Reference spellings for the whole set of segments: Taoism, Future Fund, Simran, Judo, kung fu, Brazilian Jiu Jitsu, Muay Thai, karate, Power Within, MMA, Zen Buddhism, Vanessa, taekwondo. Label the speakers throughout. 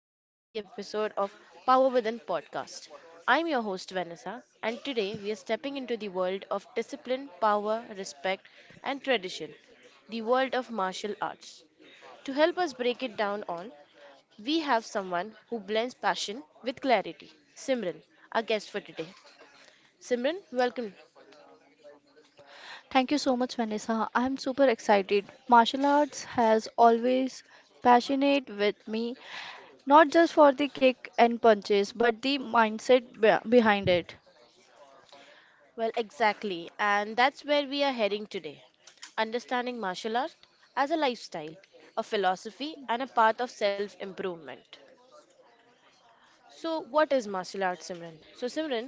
Speaker 1: welcome to the episode of Power Within podcast. I'm your host, Vanessa, and today we are stepping into the world of discipline, power, respect, and tradition, the world of martial arts. To help us break it down all, we have someone who blends passion with clarity, Simran, our guest for today. Simran, welcome.
Speaker 2: Thank you so much, Vanessa. I'm super excited. Martial arts has always passionate with me, not just for the kick and punches, but the mindset behind it.
Speaker 1: Well, exactly. And that's where we are heading today. Understanding martial art as a lifestyle, a philosophy, and a path of self improvement. So, what is martial art, Simran? So, Simran,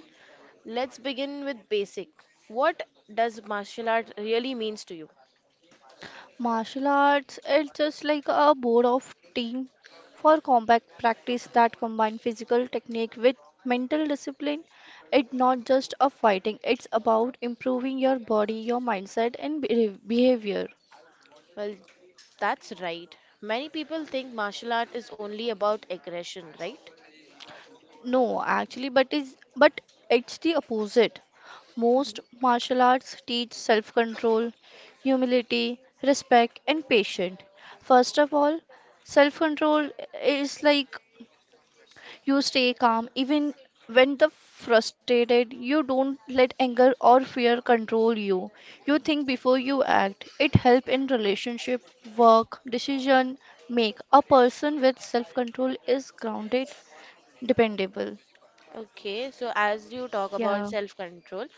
Speaker 1: let's begin with basic. What does martial art really means to you?
Speaker 2: Martial arts is just like a board of team for combat practice that combine physical technique with mental discipline. It's not just a fighting, it's about improving your body, your mindset, and behavior.
Speaker 1: Well, that's right. Many people think martial art is only about aggression, right?
Speaker 2: No, actually, but it's the opposite. Most martial arts teach self-control, humility, respect, and patience. First of all, self-control is like you stay calm even when the frustrated. You don't let anger or fear control you. You think before you act. It help in relationship, work, decision make. A person with self-control is grounded, dependable.
Speaker 1: Okay, so as you talk about
Speaker 2: Yeah.
Speaker 1: self-control,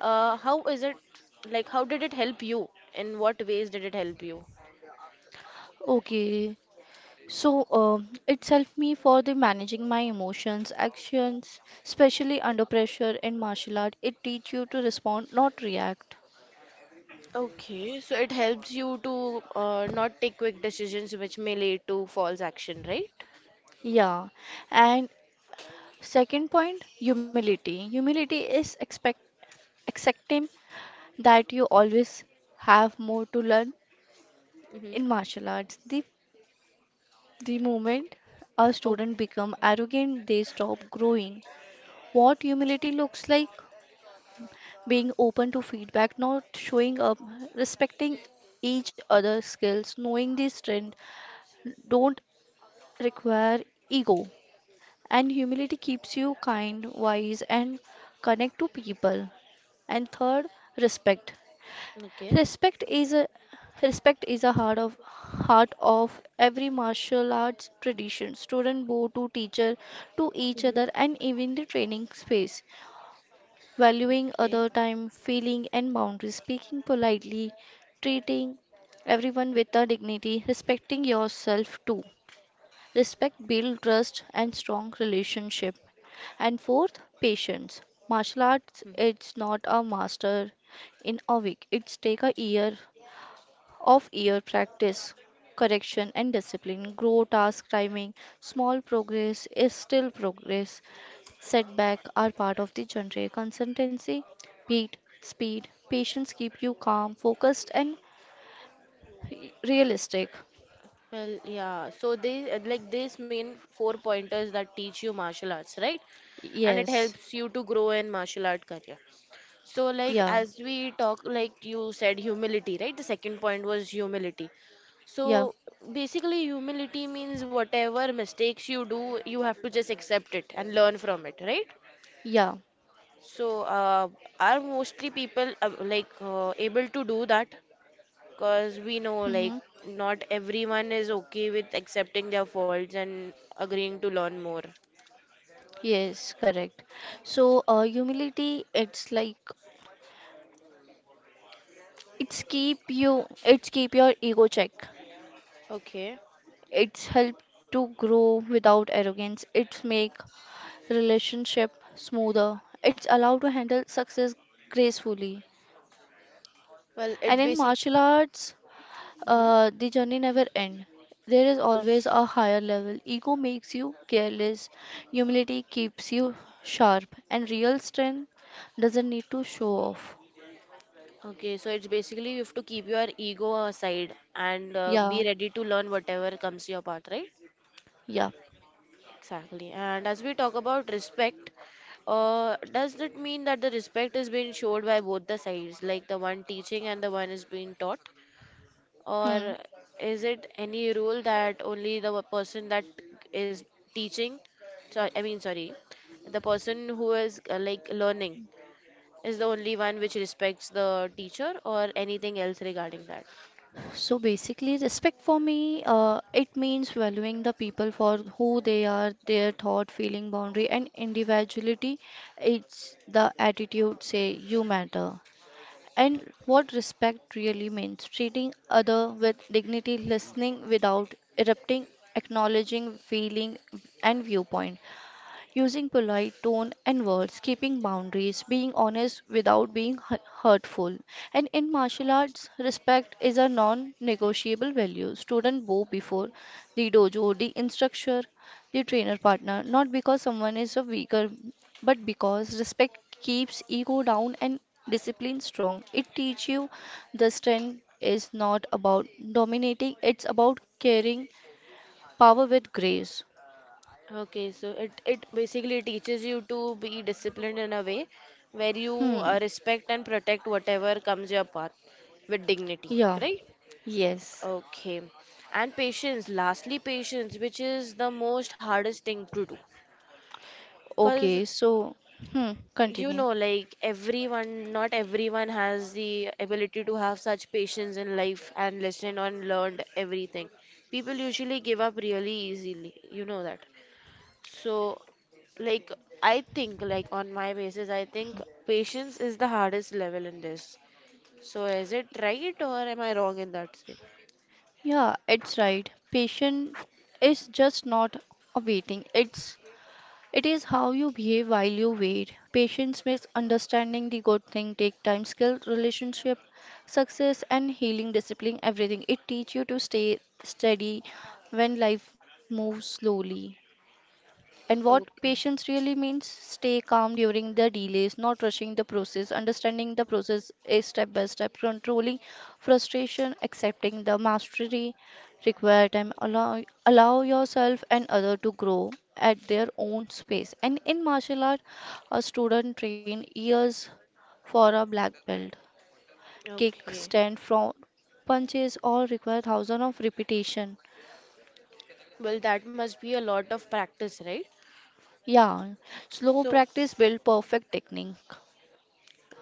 Speaker 1: how is it like how did it help you? In what ways did it help you?
Speaker 2: Okay, so it's helped me for the managing my emotions, actions, especially under pressure in martial art. It teach you to respond, not react.
Speaker 1: Okay, so it helps you to not take quick decisions which may lead to false action, right?
Speaker 2: Yeah, and second point, humility. Humility is expect accepting that you always have more to learn
Speaker 1: Mm-hmm.
Speaker 2: in martial arts. The moment a
Speaker 1: Oh,
Speaker 2: student become arrogant, they stop growing. What humility looks like? Being open to feedback, not showing up, respecting each other's skills, knowing the strength don't require ego. And humility keeps you kind, wise, and connect to people. And third, respect.
Speaker 1: okay.
Speaker 2: Respect is a Respect is a heart of every martial arts tradition. Student bow to teacher to each other
Speaker 1: Mm-hmm.
Speaker 2: and even the training space. Valuing
Speaker 1: Okay.
Speaker 2: other time, feeling and boundaries, speaking politely, treating everyone with a dignity, respecting yourself too. Respect build trust and strong relationship. And fourth, patience. Martial arts
Speaker 1: Mhm.
Speaker 2: it's not a master in a week. It's take a year of year practice, correction and discipline. Grow task timing, small progress is still progress. Setbacks are part of the genre consistency. Beat, speed, patience keep you calm, focused, and realistic.
Speaker 1: Well, yeah. So they like these main four pointers that teach you martial arts, right? And it
Speaker 2: Yes,
Speaker 1: helps you to grow in martial art career. So, like,
Speaker 2: yeah,
Speaker 1: as we talk, like you said, humility, right? The second point was humility.
Speaker 2: yeah,
Speaker 1: So, basically, humility means whatever mistakes you do, you have to just accept it and learn from it, right?
Speaker 2: yeah.
Speaker 1: So, are mostly people like able to do that? Because we know,
Speaker 2: Hmm.
Speaker 1: like, not everyone is okay with accepting their faults and agreeing to learn more.
Speaker 2: Yes, correct. So, humility, it's like it's keep you, it's keep your ego check.
Speaker 1: Okay.
Speaker 2: It's help to grow without arrogance. It's make relationship smoother. It's allowed to handle success gracefully.
Speaker 1: Well,
Speaker 2: And
Speaker 1: it's
Speaker 2: in
Speaker 1: basic.
Speaker 2: martial arts,
Speaker 1: Mhm.
Speaker 2: The journey never ends. There is always a higher level. Ego makes you careless, humility keeps you sharp, and real strength doesn't need to show off.
Speaker 1: Okay, so it's basically you have to keep your ego aside and
Speaker 2: Yeah,
Speaker 1: be ready to learn whatever comes your path, right?
Speaker 2: yeah.
Speaker 1: Exactly. And as we talk about respect, does that mean that the respect is being showed by both the sides, like the one teaching and the one is being taught?
Speaker 2: Hmm.
Speaker 1: Or is it any rule that only the person that is teaching, so, I mean, sorry, the person who is like learning is the only one which respects the teacher or anything else regarding that?
Speaker 2: So basically, respect for me, it means valuing the people for who they are, their thought, feeling, boundary, and individuality. It's the attitude, say, you matter. And what respect really means treating other with dignity, listening without erupting, acknowledging feeling and viewpoint, using polite tone and words, keeping boundaries, being honest without being hurtful. And in martial arts, respect is a non-negotiable value. Student bow before the dojo, the instructor, the trainer partner, not because someone is a weaker, but because respect keeps ego down and discipline strong. It teaches you the strength is not about dominating, it's about carrying power with grace.
Speaker 1: Okay, so it basically teaches you to be disciplined in a way where you
Speaker 2: Hmm.
Speaker 1: respect and protect whatever comes your path with dignity,
Speaker 2: Yeah.
Speaker 1: right?
Speaker 2: Yes.
Speaker 1: Okay. And patience, lastly, patience, which is the most hardest thing to do. Because
Speaker 2: Okay, so, hmm,
Speaker 1: you
Speaker 2: continue.
Speaker 1: know, like everyone, not everyone has the ability to have such patience in life and listen and learn everything. People usually give up really easily, you know that. So, like, I think, like, on my basis, I think patience is the hardest level in this. So, is it right or am I wrong in that sense?
Speaker 2: Yeah, it's right. Patient is just not a waiting. It is how you behave while you wait. Patience makes understanding the good thing take time, skill, relationship, success, and healing, discipline, everything. It teach you to stay steady when life moves slowly. And what
Speaker 1: Okay,
Speaker 2: patience really means stay calm during the delays, not rushing the process, understanding the process is step by step, controlling frustration, accepting the mastery required time, allow yourself and other to grow at their own space. And in martial art, a student train years for a black belt. Kick,
Speaker 1: okay.
Speaker 2: stand, front, punches all require thousands of repetition.
Speaker 1: Well, that must be a lot of practice, right?
Speaker 2: Yeah, slow
Speaker 1: So,
Speaker 2: practice build perfect technique.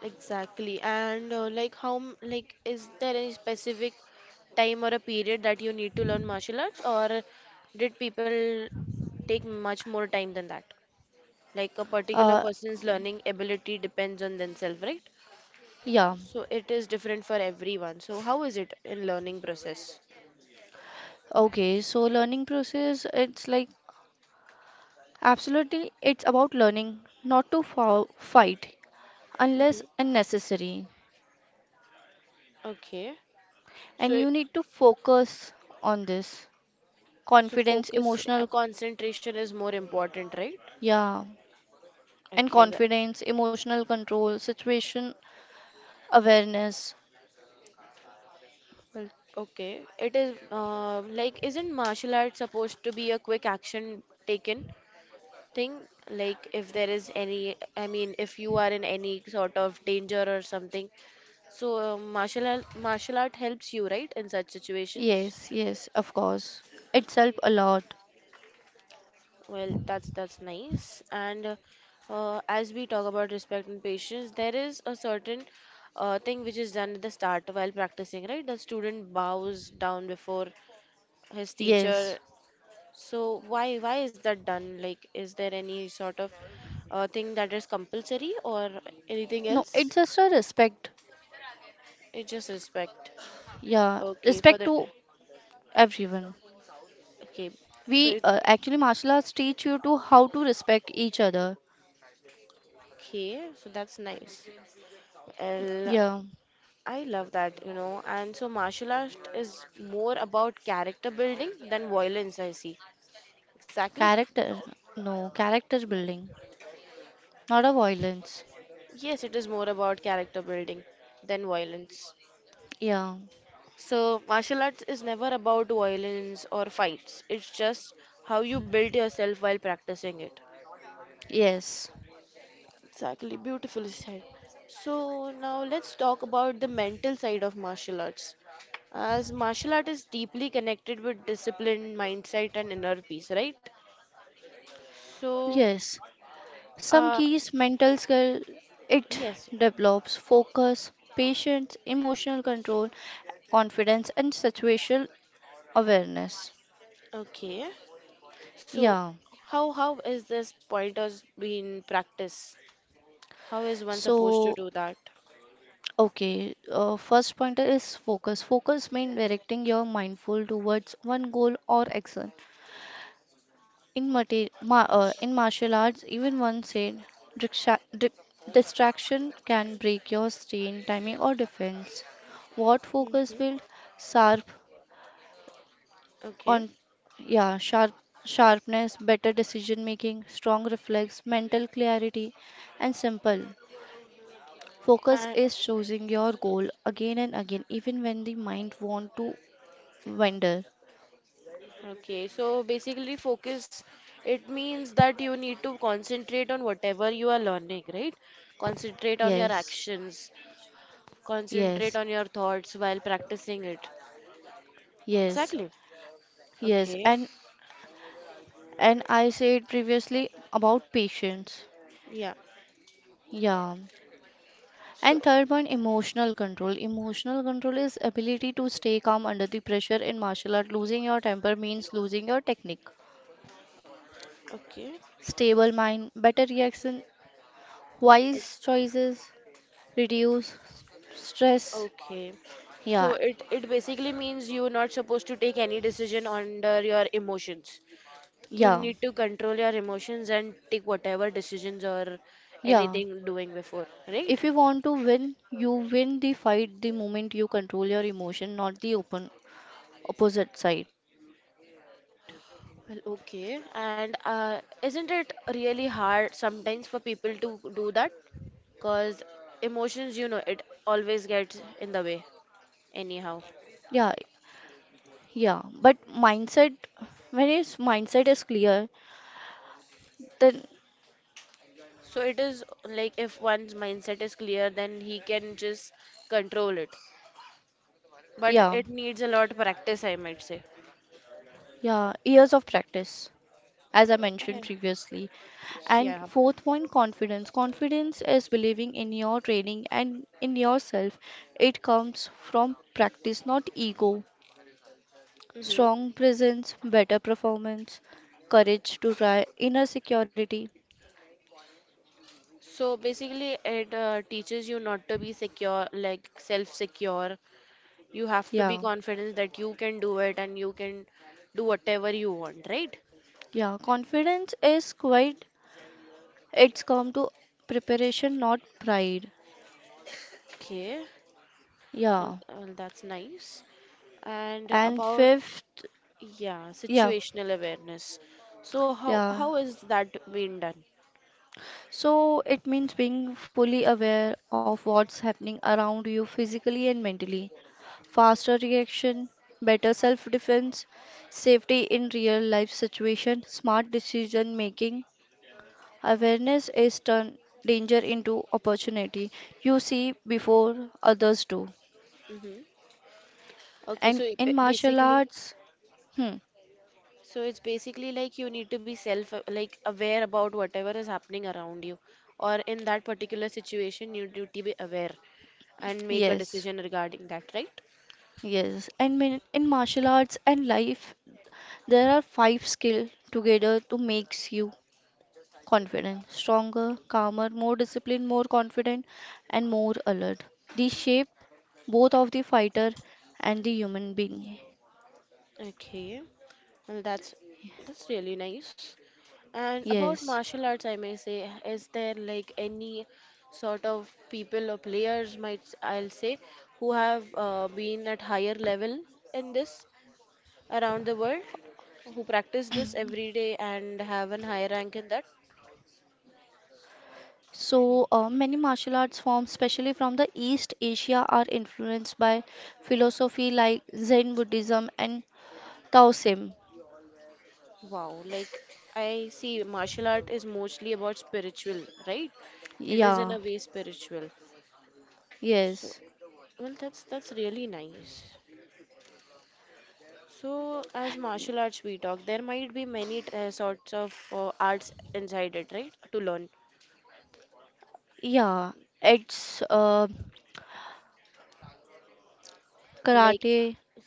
Speaker 1: exactly. And, like, how, like, is there any specific time or a period that you need to learn martial arts, or did people take much more time than that? Like, a particular
Speaker 2: Uh,
Speaker 1: person's learning ability depends on themselves, right?
Speaker 2: Yeah.
Speaker 1: So it is different for everyone. So how is it in learning process?
Speaker 2: Okay. So learning process, it's like absolutely, it's about learning not to fight unless
Speaker 1: Mhm.
Speaker 2: unnecessary.
Speaker 1: Okay.
Speaker 2: And
Speaker 1: So
Speaker 2: you need to focus on this.
Speaker 1: so
Speaker 2: Confidence,
Speaker 1: focus
Speaker 2: emotional,
Speaker 1: concentration is more important, right?
Speaker 2: yeah, and
Speaker 1: Okay, that-
Speaker 2: confidence, emotional control, situation awareness.
Speaker 1: Well, okay. It is like isn't martial art supposed to be a quick action taken thing? Like if there is any, I mean, if you are in any sort of danger or something. So martial art helps you, right, in such situation?
Speaker 2: Yes, yes, of course. It's help a lot.
Speaker 1: Well, that's nice. And as we talk about respect and patience, there is a certain thing which is done at the start while practicing, right? The student bows down before his
Speaker 2: Yes.
Speaker 1: teacher. So why is that done? Like, is there any sort of thing that is compulsory or anything
Speaker 2: No,
Speaker 1: else?
Speaker 2: it's just a respect.
Speaker 1: It's just respect.
Speaker 2: Yeah,
Speaker 1: Okay, for
Speaker 2: respect
Speaker 1: the
Speaker 2: to everyone.
Speaker 1: okay. So
Speaker 2: We
Speaker 1: it,
Speaker 2: actually martial arts teach you to how to respect each other.
Speaker 1: okay, so that's nice. Well,
Speaker 2: Yeah,
Speaker 1: I love that, you know. And so martial art is more about character building than violence, I see. Exactly.
Speaker 2: character. No, character building, not a violence.
Speaker 1: Yes, it is more about character building than violence.
Speaker 2: Yeah.
Speaker 1: So martial arts is never about violence or fights. It's just how you build yourself while practicing it.
Speaker 2: Yes.
Speaker 1: Exactly, beautifully said. So now let's talk about the mental side of martial arts. As martial art is deeply connected with discipline, mindset, and inner peace, right? So,
Speaker 2: Yes. Some
Speaker 1: Uh,
Speaker 2: keys mental skill it
Speaker 1: yes.
Speaker 2: develops focus, patience, emotional control, confidence and situational awareness.
Speaker 1: Okay. So,
Speaker 2: Yeah.
Speaker 1: how is this pointers being practiced? How is one supposed to
Speaker 2: So,
Speaker 1: do that?
Speaker 2: okay, first pointer is focus. Focus means directing your mindful towards one goal or action. In martial arts, even one said, "Dixa- di- distraction can break your strain, timing, or defense." What focus
Speaker 1: hmm
Speaker 2: build? Sharp
Speaker 1: Okay.
Speaker 2: on, yeah, sharp sharpness, better decision making, strong reflex, mental clarity, and simple. Focus
Speaker 1: And
Speaker 2: is choosing your goal again and again, even when the mind want to wander.
Speaker 1: okay, so basically focus it means that you need to concentrate on whatever you are learning, right? Concentrate on your
Speaker 2: Yes,
Speaker 1: actions, concentrate
Speaker 2: yes,
Speaker 1: on your thoughts while practicing it.
Speaker 2: yes,
Speaker 1: Exactly.
Speaker 2: yes.
Speaker 1: Okay.
Speaker 2: And I said previously about patience.
Speaker 1: Yeah.
Speaker 2: Yeah.
Speaker 1: So,
Speaker 2: And third one, emotional control. Emotional control is ability to stay calm under the pressure in martial art. Losing your temper means losing your technique.
Speaker 1: okay.
Speaker 2: Stable mind, better reaction, wise choices, reduce stress.
Speaker 1: Okay. So
Speaker 2: Yeah.
Speaker 1: it basically means you're not supposed to take any decision under your emotions. You
Speaker 2: Yeah.
Speaker 1: need to control your emotions and take whatever decisions or
Speaker 2: Yeah.
Speaker 1: anything doing before,
Speaker 2: If
Speaker 1: right?
Speaker 2: you want to win, you win the fight the moment you control your emotion, not the open opposite side.
Speaker 1: Well, okay. And isn't it really hard sometimes for people to do that? Because emotions, you know, it always gets in the way anyhow.
Speaker 2: Yeah, yeah, but mindset, when his mindset is clear, then
Speaker 1: So it is like if one's mindset is clear, then he can just control it, but
Speaker 2: yeah,
Speaker 1: it needs a lot of practice, I might say.
Speaker 2: yeah, years of practice, as I
Speaker 1: Yeah.
Speaker 2: mentioned previously.
Speaker 1: Yeah.
Speaker 2: And fourth point, confidence. Confidence is believing in your training and in yourself. It comes from practice, not ego.
Speaker 1: hmm
Speaker 2: Strong presence, better performance, courage to try, inner security.
Speaker 1: So basically, it teaches you not to be secure, like self-secure. You have to
Speaker 2: Yeah,
Speaker 1: be confident that you can do it and you can do whatever you want, right?
Speaker 2: yeah, confidence is quite, it's come to preparation, not pride.
Speaker 1: Okay, well,
Speaker 2: Yeah.
Speaker 1: well, that's nice. And
Speaker 2: And
Speaker 1: about,
Speaker 2: fifth,
Speaker 1: yeah,
Speaker 2: yeah,
Speaker 1: situational awareness. So how
Speaker 2: yeah.
Speaker 1: how is that being done?
Speaker 2: So it means being fully aware of what's happening around you physically and mentally. Faster reaction, better self defense, safety in real life situation, smart decision making. Awareness is turn danger into opportunity. You see before others do.
Speaker 1: hmm Okay,
Speaker 2: And
Speaker 1: so it-
Speaker 2: in
Speaker 1: it
Speaker 2: martial
Speaker 1: basically,
Speaker 2: arts, hmm,
Speaker 1: so it's basically like you need to be self like aware about whatever is happening around you or in that particular situation you need to be aware and make a
Speaker 2: yes.
Speaker 1: decision regarding that, right?
Speaker 2: Yes, and in martial arts and life there are five skills together to makes you confident, stronger, calmer, more disciplined, more confident, and more alert. These shape both of the fighter and the human being.
Speaker 1: Okay. Well, that's really nice. And about
Speaker 2: Yes.
Speaker 1: martial arts, I may say, is there like any sort of people or players might I'll say who have been at higher level in this around the world, who practice this every day and have an high rank in that?
Speaker 2: So many martial arts forms, especially from the East Asia, are influenced by philosophy like Zen Buddhism and Taoism.
Speaker 1: Wow, like I see martial art is mostly about spiritual, right? It is in
Speaker 2: Yeah.
Speaker 1: a way spiritual. So,
Speaker 2: Yes.
Speaker 1: well, that's really nice. So, as martial arts we talk, there might be many sorts of arts inside it, right? To learn.
Speaker 2: Yeah, it's
Speaker 1: Like,
Speaker 2: karate,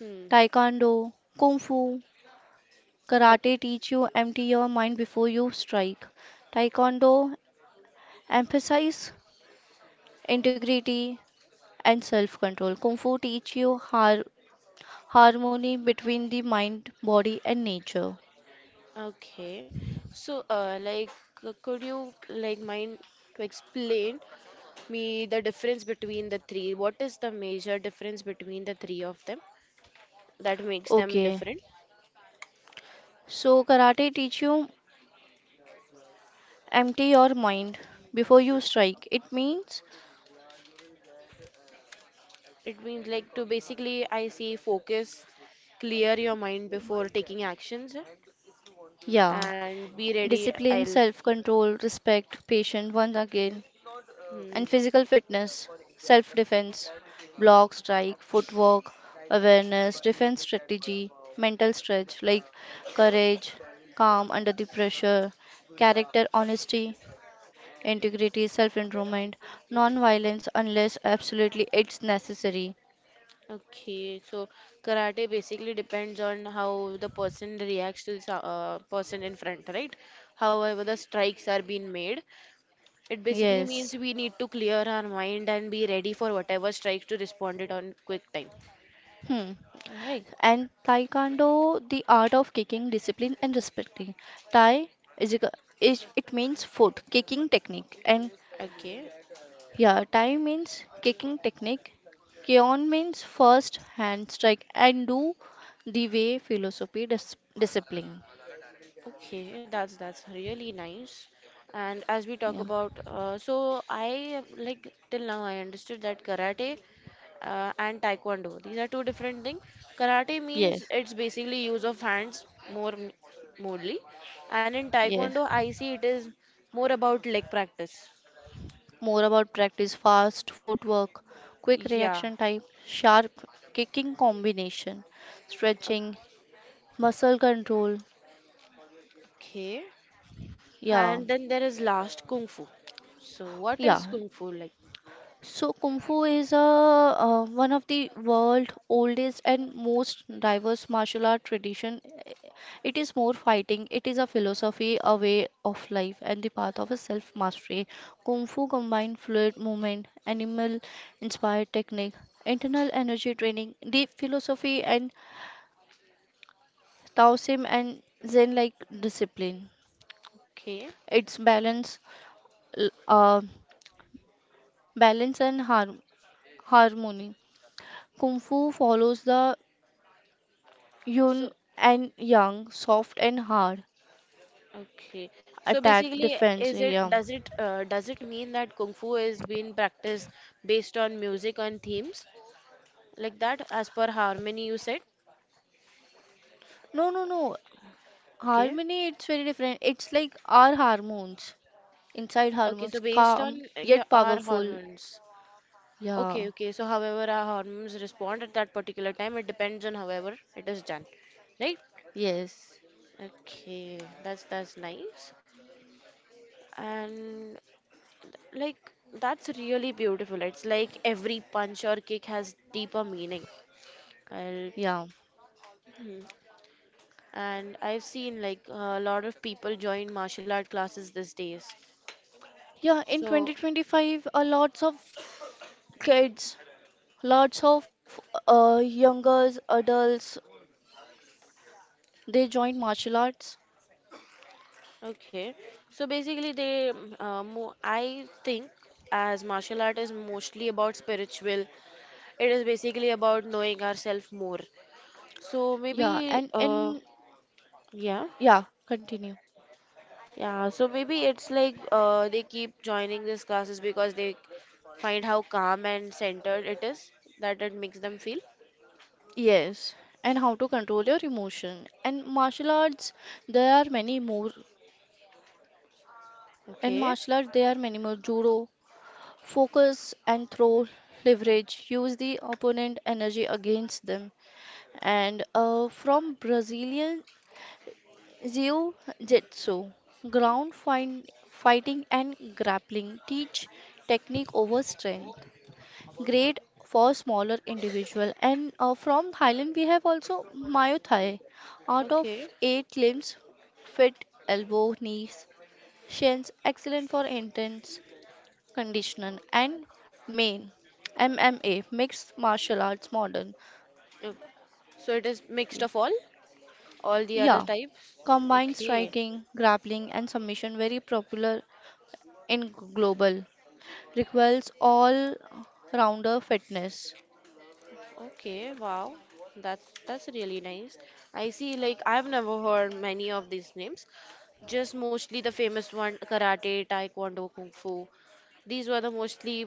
Speaker 1: hmm.
Speaker 2: taekwondo, kung fu.
Speaker 1: Oh,
Speaker 2: Karate teach you empty your mind before you strike. Taekwondo emphasize integrity and self-control. Kung Fu teach you harmony between the mind, body and nature.
Speaker 1: okay. So, like, could you like mind to explain me the difference between the three? What is the major difference between the three of them that makes them
Speaker 2: Okay.
Speaker 1: different?
Speaker 2: So karate teach you empty your mind before you strike. It means
Speaker 1: It means like to basically I say focus, clear your mind before taking actions
Speaker 2: yeah,
Speaker 1: and be ready.
Speaker 2: discipline, self-control, respect, patience once again and physical fitness, self defense, block strike, footwork, awareness, defense strategy, mental stretch like courage, calm under the pressure,
Speaker 1: I'll
Speaker 2: character honesty,
Speaker 1: hmm.
Speaker 2: integrity, self improvement, non violence unless absolutely it's necessary.
Speaker 1: Okay, so karate basically depends on how the person reacts to the person in front, right? However, the strikes are being made. It basically
Speaker 2: Yes.
Speaker 1: means we need to clear our mind and be ready for whatever strikes to respond it on quick time.
Speaker 2: Hmm.
Speaker 1: Right.
Speaker 2: And Taekwondo, the art of kicking, discipline, and respecting. Tai is, a- is it means foot kicking technique, and
Speaker 1: Okay.
Speaker 2: yeah, tai means kicking technique, kion means first hand strike, and do the way philosophy discipline.
Speaker 1: Okay, that's really nice. And as we talk
Speaker 2: Yeah.
Speaker 1: about, so I like till now I understood that karate and taekwondo. These are two different things. Karate means
Speaker 2: Yes,
Speaker 1: it's basically use of hands more mostly, and in
Speaker 2: yes.
Speaker 1: taekwondo I see it is more about leg practice.
Speaker 2: More about practice fast footwork, quick
Speaker 1: Yeah.
Speaker 2: reaction type, sharp kicking combination, stretching, muscle control.
Speaker 1: Okay.
Speaker 2: Yeah,
Speaker 1: And then there is last kung fu. So what is
Speaker 2: yeah.
Speaker 1: kung fu like?
Speaker 2: So, Kung Fu is a, one of the world's oldest and most diverse martial art tradition. It is more fighting. It is a philosophy, a way of life, and the path of a self-mastery. Kung Fu combines fluid movement, animal-inspired technique, internal energy training, deep philosophy, and Taoism and Zen-like discipline.
Speaker 1: Okay.
Speaker 2: Its balance, l- uh, balance and harmony. Kung Fu follows the
Speaker 1: So
Speaker 2: Yoon and Yang, soft and hard,
Speaker 1: okay. So
Speaker 2: attack,
Speaker 1: basically,
Speaker 2: defense.
Speaker 1: is it
Speaker 2: Yeah.
Speaker 1: does it does it mean that kung fu is being practiced based on music and themes like that as per harmony you said?
Speaker 2: No, no, no.
Speaker 1: Okay.
Speaker 2: Harmony, it's very different. It's like our hormones, inside
Speaker 1: Okay. So
Speaker 2: hormones,
Speaker 1: based on
Speaker 2: calm
Speaker 1: your
Speaker 2: yet
Speaker 1: our
Speaker 2: powerful.
Speaker 1: hormones. Okay.
Speaker 2: Yeah.
Speaker 1: Okay. So however our hormones respond at that particular time, it depends on however it is done, right?
Speaker 2: Yes.
Speaker 1: Okay. That's nice. And like that's really beautiful. It's like every punch or kick has deeper meaning. I'll
Speaker 2: Yeah.
Speaker 1: Mhm. And I've seen like a lot of people join martial art classes these days.
Speaker 2: Yeah. In
Speaker 1: So,
Speaker 2: 2025, a lots of kids, lots of youngers, adults, they join martial arts.
Speaker 1: okay. So basically, they, mm, mo I think as martial art is mostly about spiritual, it is basically about knowing ourselves more. So
Speaker 2: Yeah.
Speaker 1: maybe,
Speaker 2: And and
Speaker 1: yeah,
Speaker 2: yeah. Continue.
Speaker 1: yeah. So maybe it's like they keep joining these classes because they find how calm and centered it is that it makes them feel.
Speaker 2: Yes, and how to control your emotion. And martial arts, there are many more. And
Speaker 1: Okay.
Speaker 2: martial arts, there are many more. Judo, focus and throw, leverage, use the opponent energy against them. And from Brazilian Jiu Jitsu, ground find, fighting and grappling teach technique over strength. Great for smaller individual. And from Thailand, we have also Mayo Thai. Out of
Speaker 1: Okay.
Speaker 2: eight limbs, fit elbow, knees, shins, excellent for intense conditioning. And main MMA, mixed martial arts, modern.
Speaker 1: Oh, so it is mixed of
Speaker 2: Y-
Speaker 1: all the other
Speaker 2: Yeah,
Speaker 1: types.
Speaker 2: combined
Speaker 1: Okay.
Speaker 2: striking, grappling, and submission, very popular in global. Requires all rounder fitness.
Speaker 1: Okay, wow. That's really nice. I see like I've never heard many of these names. Just mostly the famous one karate, taekwondo, kung fu. These were the mostly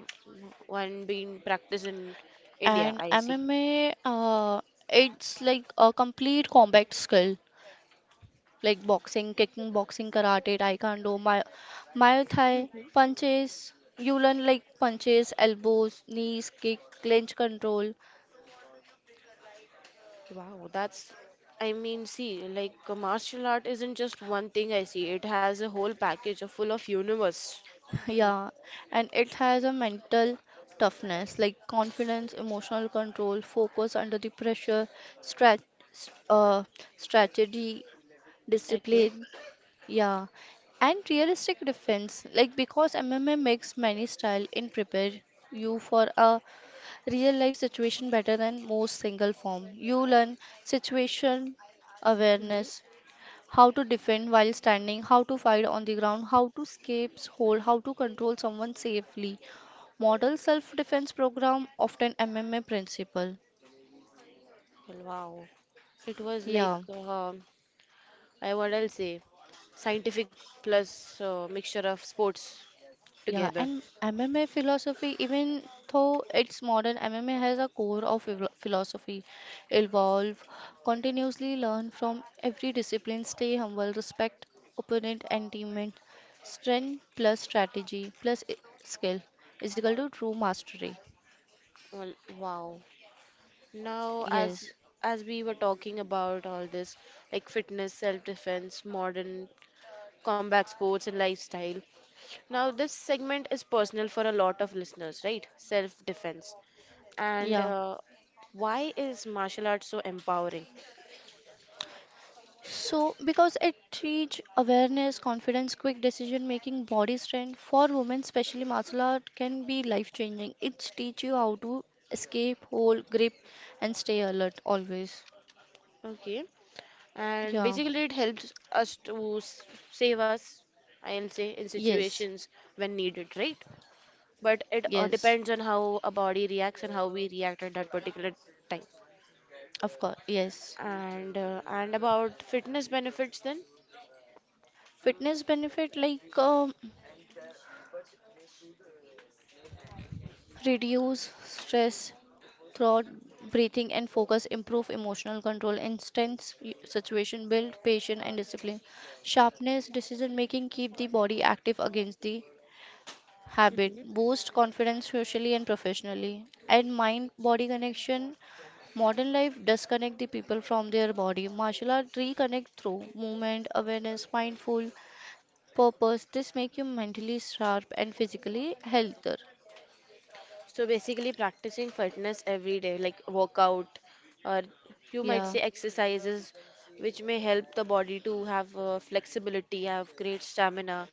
Speaker 1: one being practiced in India,
Speaker 2: And
Speaker 1: I see.
Speaker 2: MMA, it's like a complete combat skill, like boxing, kicking, boxing, karate, taekwondo, my thai
Speaker 1: hmm
Speaker 2: punches. You learn like punches, elbows, knees, kick, clinch control.
Speaker 1: Wow, that's, I mean, see, like martial art isn't just one thing I see. It has a whole package of full of universe. Well,
Speaker 2: Yeah, and it has a mental toughness, like confidence, emotional control, focus under the pressure, strat, uh, strategy,
Speaker 1: okay.
Speaker 2: discipline. Yeah, and realistic defense, like because MMA makes many style in prepare you for a real life situation better than most single form. You learn situation awareness,
Speaker 1: hmm
Speaker 2: how to defend while standing, how to fight on the ground, how to escape, hold, how to control someone safely. Model self defense program often MMA principle.
Speaker 1: Well, wow. It was like,
Speaker 2: Yeah.
Speaker 1: I what I'll say, scientific plus mixture of sports
Speaker 2: Yeah,
Speaker 1: together.
Speaker 2: and MMA philosophy, even though it's modern, MMA has a core of philosophy. Evolve, continuously learn from every discipline, stay humble, respect opponent and teammate, strength plus strategy plus skill is equal to true mastery.
Speaker 1: Well, wow. Now,
Speaker 2: Yes,
Speaker 1: As we were talking about all this, like fitness, self-defense, modern combat sports, and lifestyle, now, this segment is personal for a lot of listeners, right? Self defense. And
Speaker 2: yeah.
Speaker 1: why is martial arts so empowering?
Speaker 2: So, because it teach awareness, confidence, quick decision making, body strength for women, especially martial art can be life changing. It teach you how to escape, hold grip, and stay alert always.
Speaker 1: Okay. And
Speaker 2: Yeah.
Speaker 1: basically, it helps us to save us, I'll say, in
Speaker 2: Yes.
Speaker 1: situations when needed, right? But it
Speaker 2: Yes.
Speaker 1: depends on how a body reacts and how we react at that particular time.
Speaker 2: Of course. Yes.
Speaker 1: And about fitness benefits, then?
Speaker 2: Fitness benefit like reduce stress throughout breathing and focus improve emotional control instance situation build patience and discipline sharpness decision making keep the body active against the habit
Speaker 1: Mm-hmm.
Speaker 2: boost confidence socially and professionally and mind body connection modern life disconnect the people from their body martial art reconnect through movement awareness mindful purpose this make you mentally sharp and physically healthier
Speaker 1: So basically, practicing fitness every day, like workout, or you might say
Speaker 2: yeah
Speaker 1: exercises, which may help the body to have flexibility, have great stamina.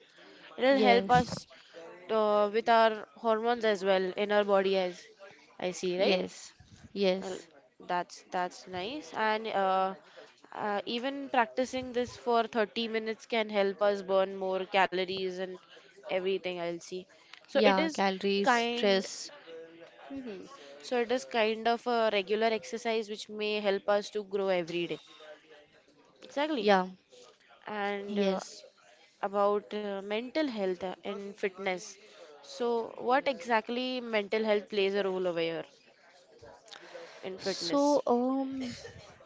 Speaker 1: It'll help
Speaker 2: yes
Speaker 1: us with our hormones as well in our body, as I see, right?
Speaker 2: yes,
Speaker 1: Well,
Speaker 2: yes,
Speaker 1: that's nice. And even practicing this for 30 minutes can help us burn more calories and everything I'll see.
Speaker 2: yeah,
Speaker 1: So it
Speaker 2: calories,
Speaker 1: is
Speaker 2: stress,
Speaker 1: kind Mhm. So it is kind of a regular exercise which may help us to grow every day. Exactly.
Speaker 2: yeah,
Speaker 1: And
Speaker 2: yes.
Speaker 1: about mental health and fitness. So what exactly mental health plays a role over here in fitness?
Speaker 2: So,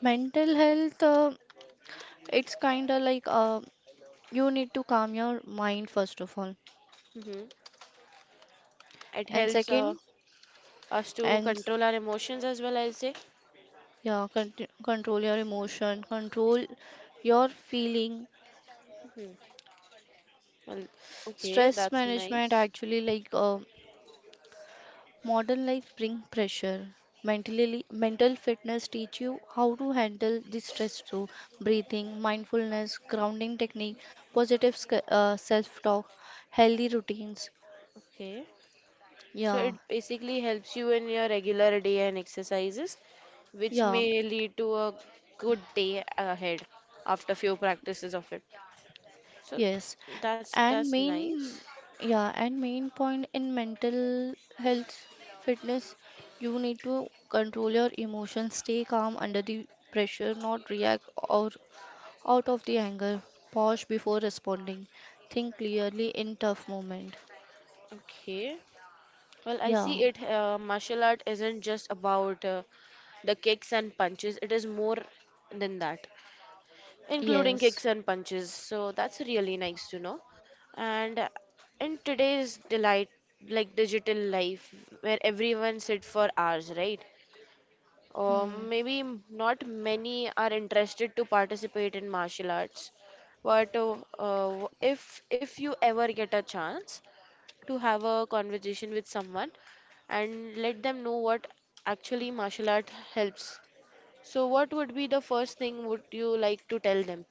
Speaker 2: mental health, it's kind of like you need to calm your mind first of all,
Speaker 1: hmm It
Speaker 2: and
Speaker 1: helps
Speaker 2: second,
Speaker 1: us to
Speaker 2: and s-
Speaker 1: control our emotions as well, I'll say.
Speaker 2: yeah, con control your emotion, control your feeling.
Speaker 1: hmm Well, okay,
Speaker 2: Stress
Speaker 1: that's
Speaker 2: management
Speaker 1: nice.
Speaker 2: actually like modern life bring pressure. Mentally, mental fitness teach you how to handle the stress through breathing, mindfulness, grounding technique, positive self-talk, healthy routines.
Speaker 1: Okay. So it
Speaker 2: Yeah,
Speaker 1: basically helps you in your regular day and exercises, which
Speaker 2: yeah,
Speaker 1: may lead to a good day ahead after few practices of it. So
Speaker 2: yes. And
Speaker 1: that's
Speaker 2: main,
Speaker 1: nice.
Speaker 2: yeah, and main point in mental health fitness, you need to control your emotions, stay calm under the pressure, not react or out of the anger, pause before responding. Think clearly in tough moment.
Speaker 1: Okay. Well, I
Speaker 2: Yeah,
Speaker 1: see it. Martial art isn't just about the kicks and punches. It is more than that, including kicks
Speaker 2: yes.
Speaker 1: and punches. So that's really nice to know. And in today's delight, like digital life, where everyone sit for hours, right? Or
Speaker 2: Hmm.
Speaker 1: maybe not many are interested to participate in martial arts. But if you ever get a chance to have a conversation with someone and let them know what actually martial art helps so, what would be the first thing would you like to tell them?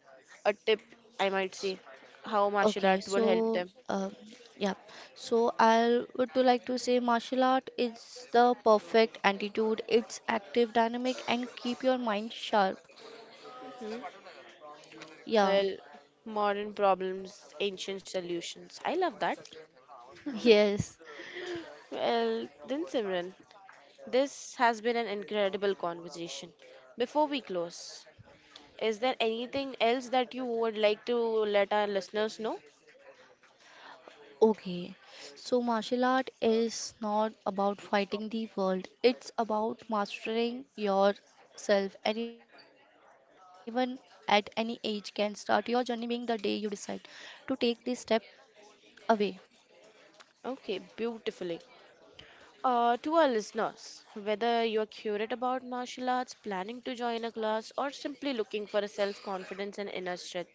Speaker 1: A tip, I might
Speaker 2: S-
Speaker 1: say, how martial
Speaker 2: Okay,
Speaker 1: art will help
Speaker 2: so
Speaker 1: them.
Speaker 2: yeah, so I would to like to say martial art is the perfect attitude. It's active, dynamic, and keep your mind sharp.
Speaker 1: Hmm?
Speaker 2: Yeah,
Speaker 1: Well, modern problems, ancient solutions. I love that.
Speaker 2: yes.
Speaker 1: Well, then Simran, this has been an incredible conversation. Before we close, is there anything else that you would like to let our listeners know?
Speaker 2: Okay, so martial art is not about fighting the world, it's about mastering yourself. Anyone at any age can start your journey being the day you decide to take this step away.
Speaker 1: Okay, beautifully. To our listeners, whether you are curious about martial arts, planning to join a class, or simply looking for a self confidence and inner strength,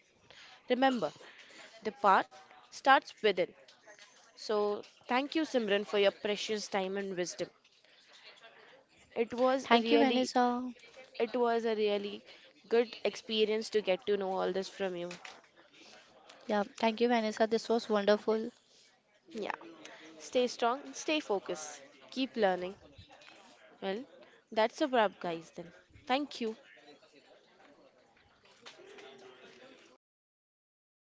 Speaker 1: remember the path starts within. So, thank you, Simran, for your precious time and wisdom. It was
Speaker 2: Thank
Speaker 1: a
Speaker 2: you,
Speaker 1: really,
Speaker 2: Vanessa.
Speaker 1: it was a really good experience to get to know all this from you.
Speaker 2: Yeah, thank you, Vanessa. This was wonderful.
Speaker 1: Yeah, stay strong, stay focused, keep learning. Well, that's a wrap, guys. Then, thank you.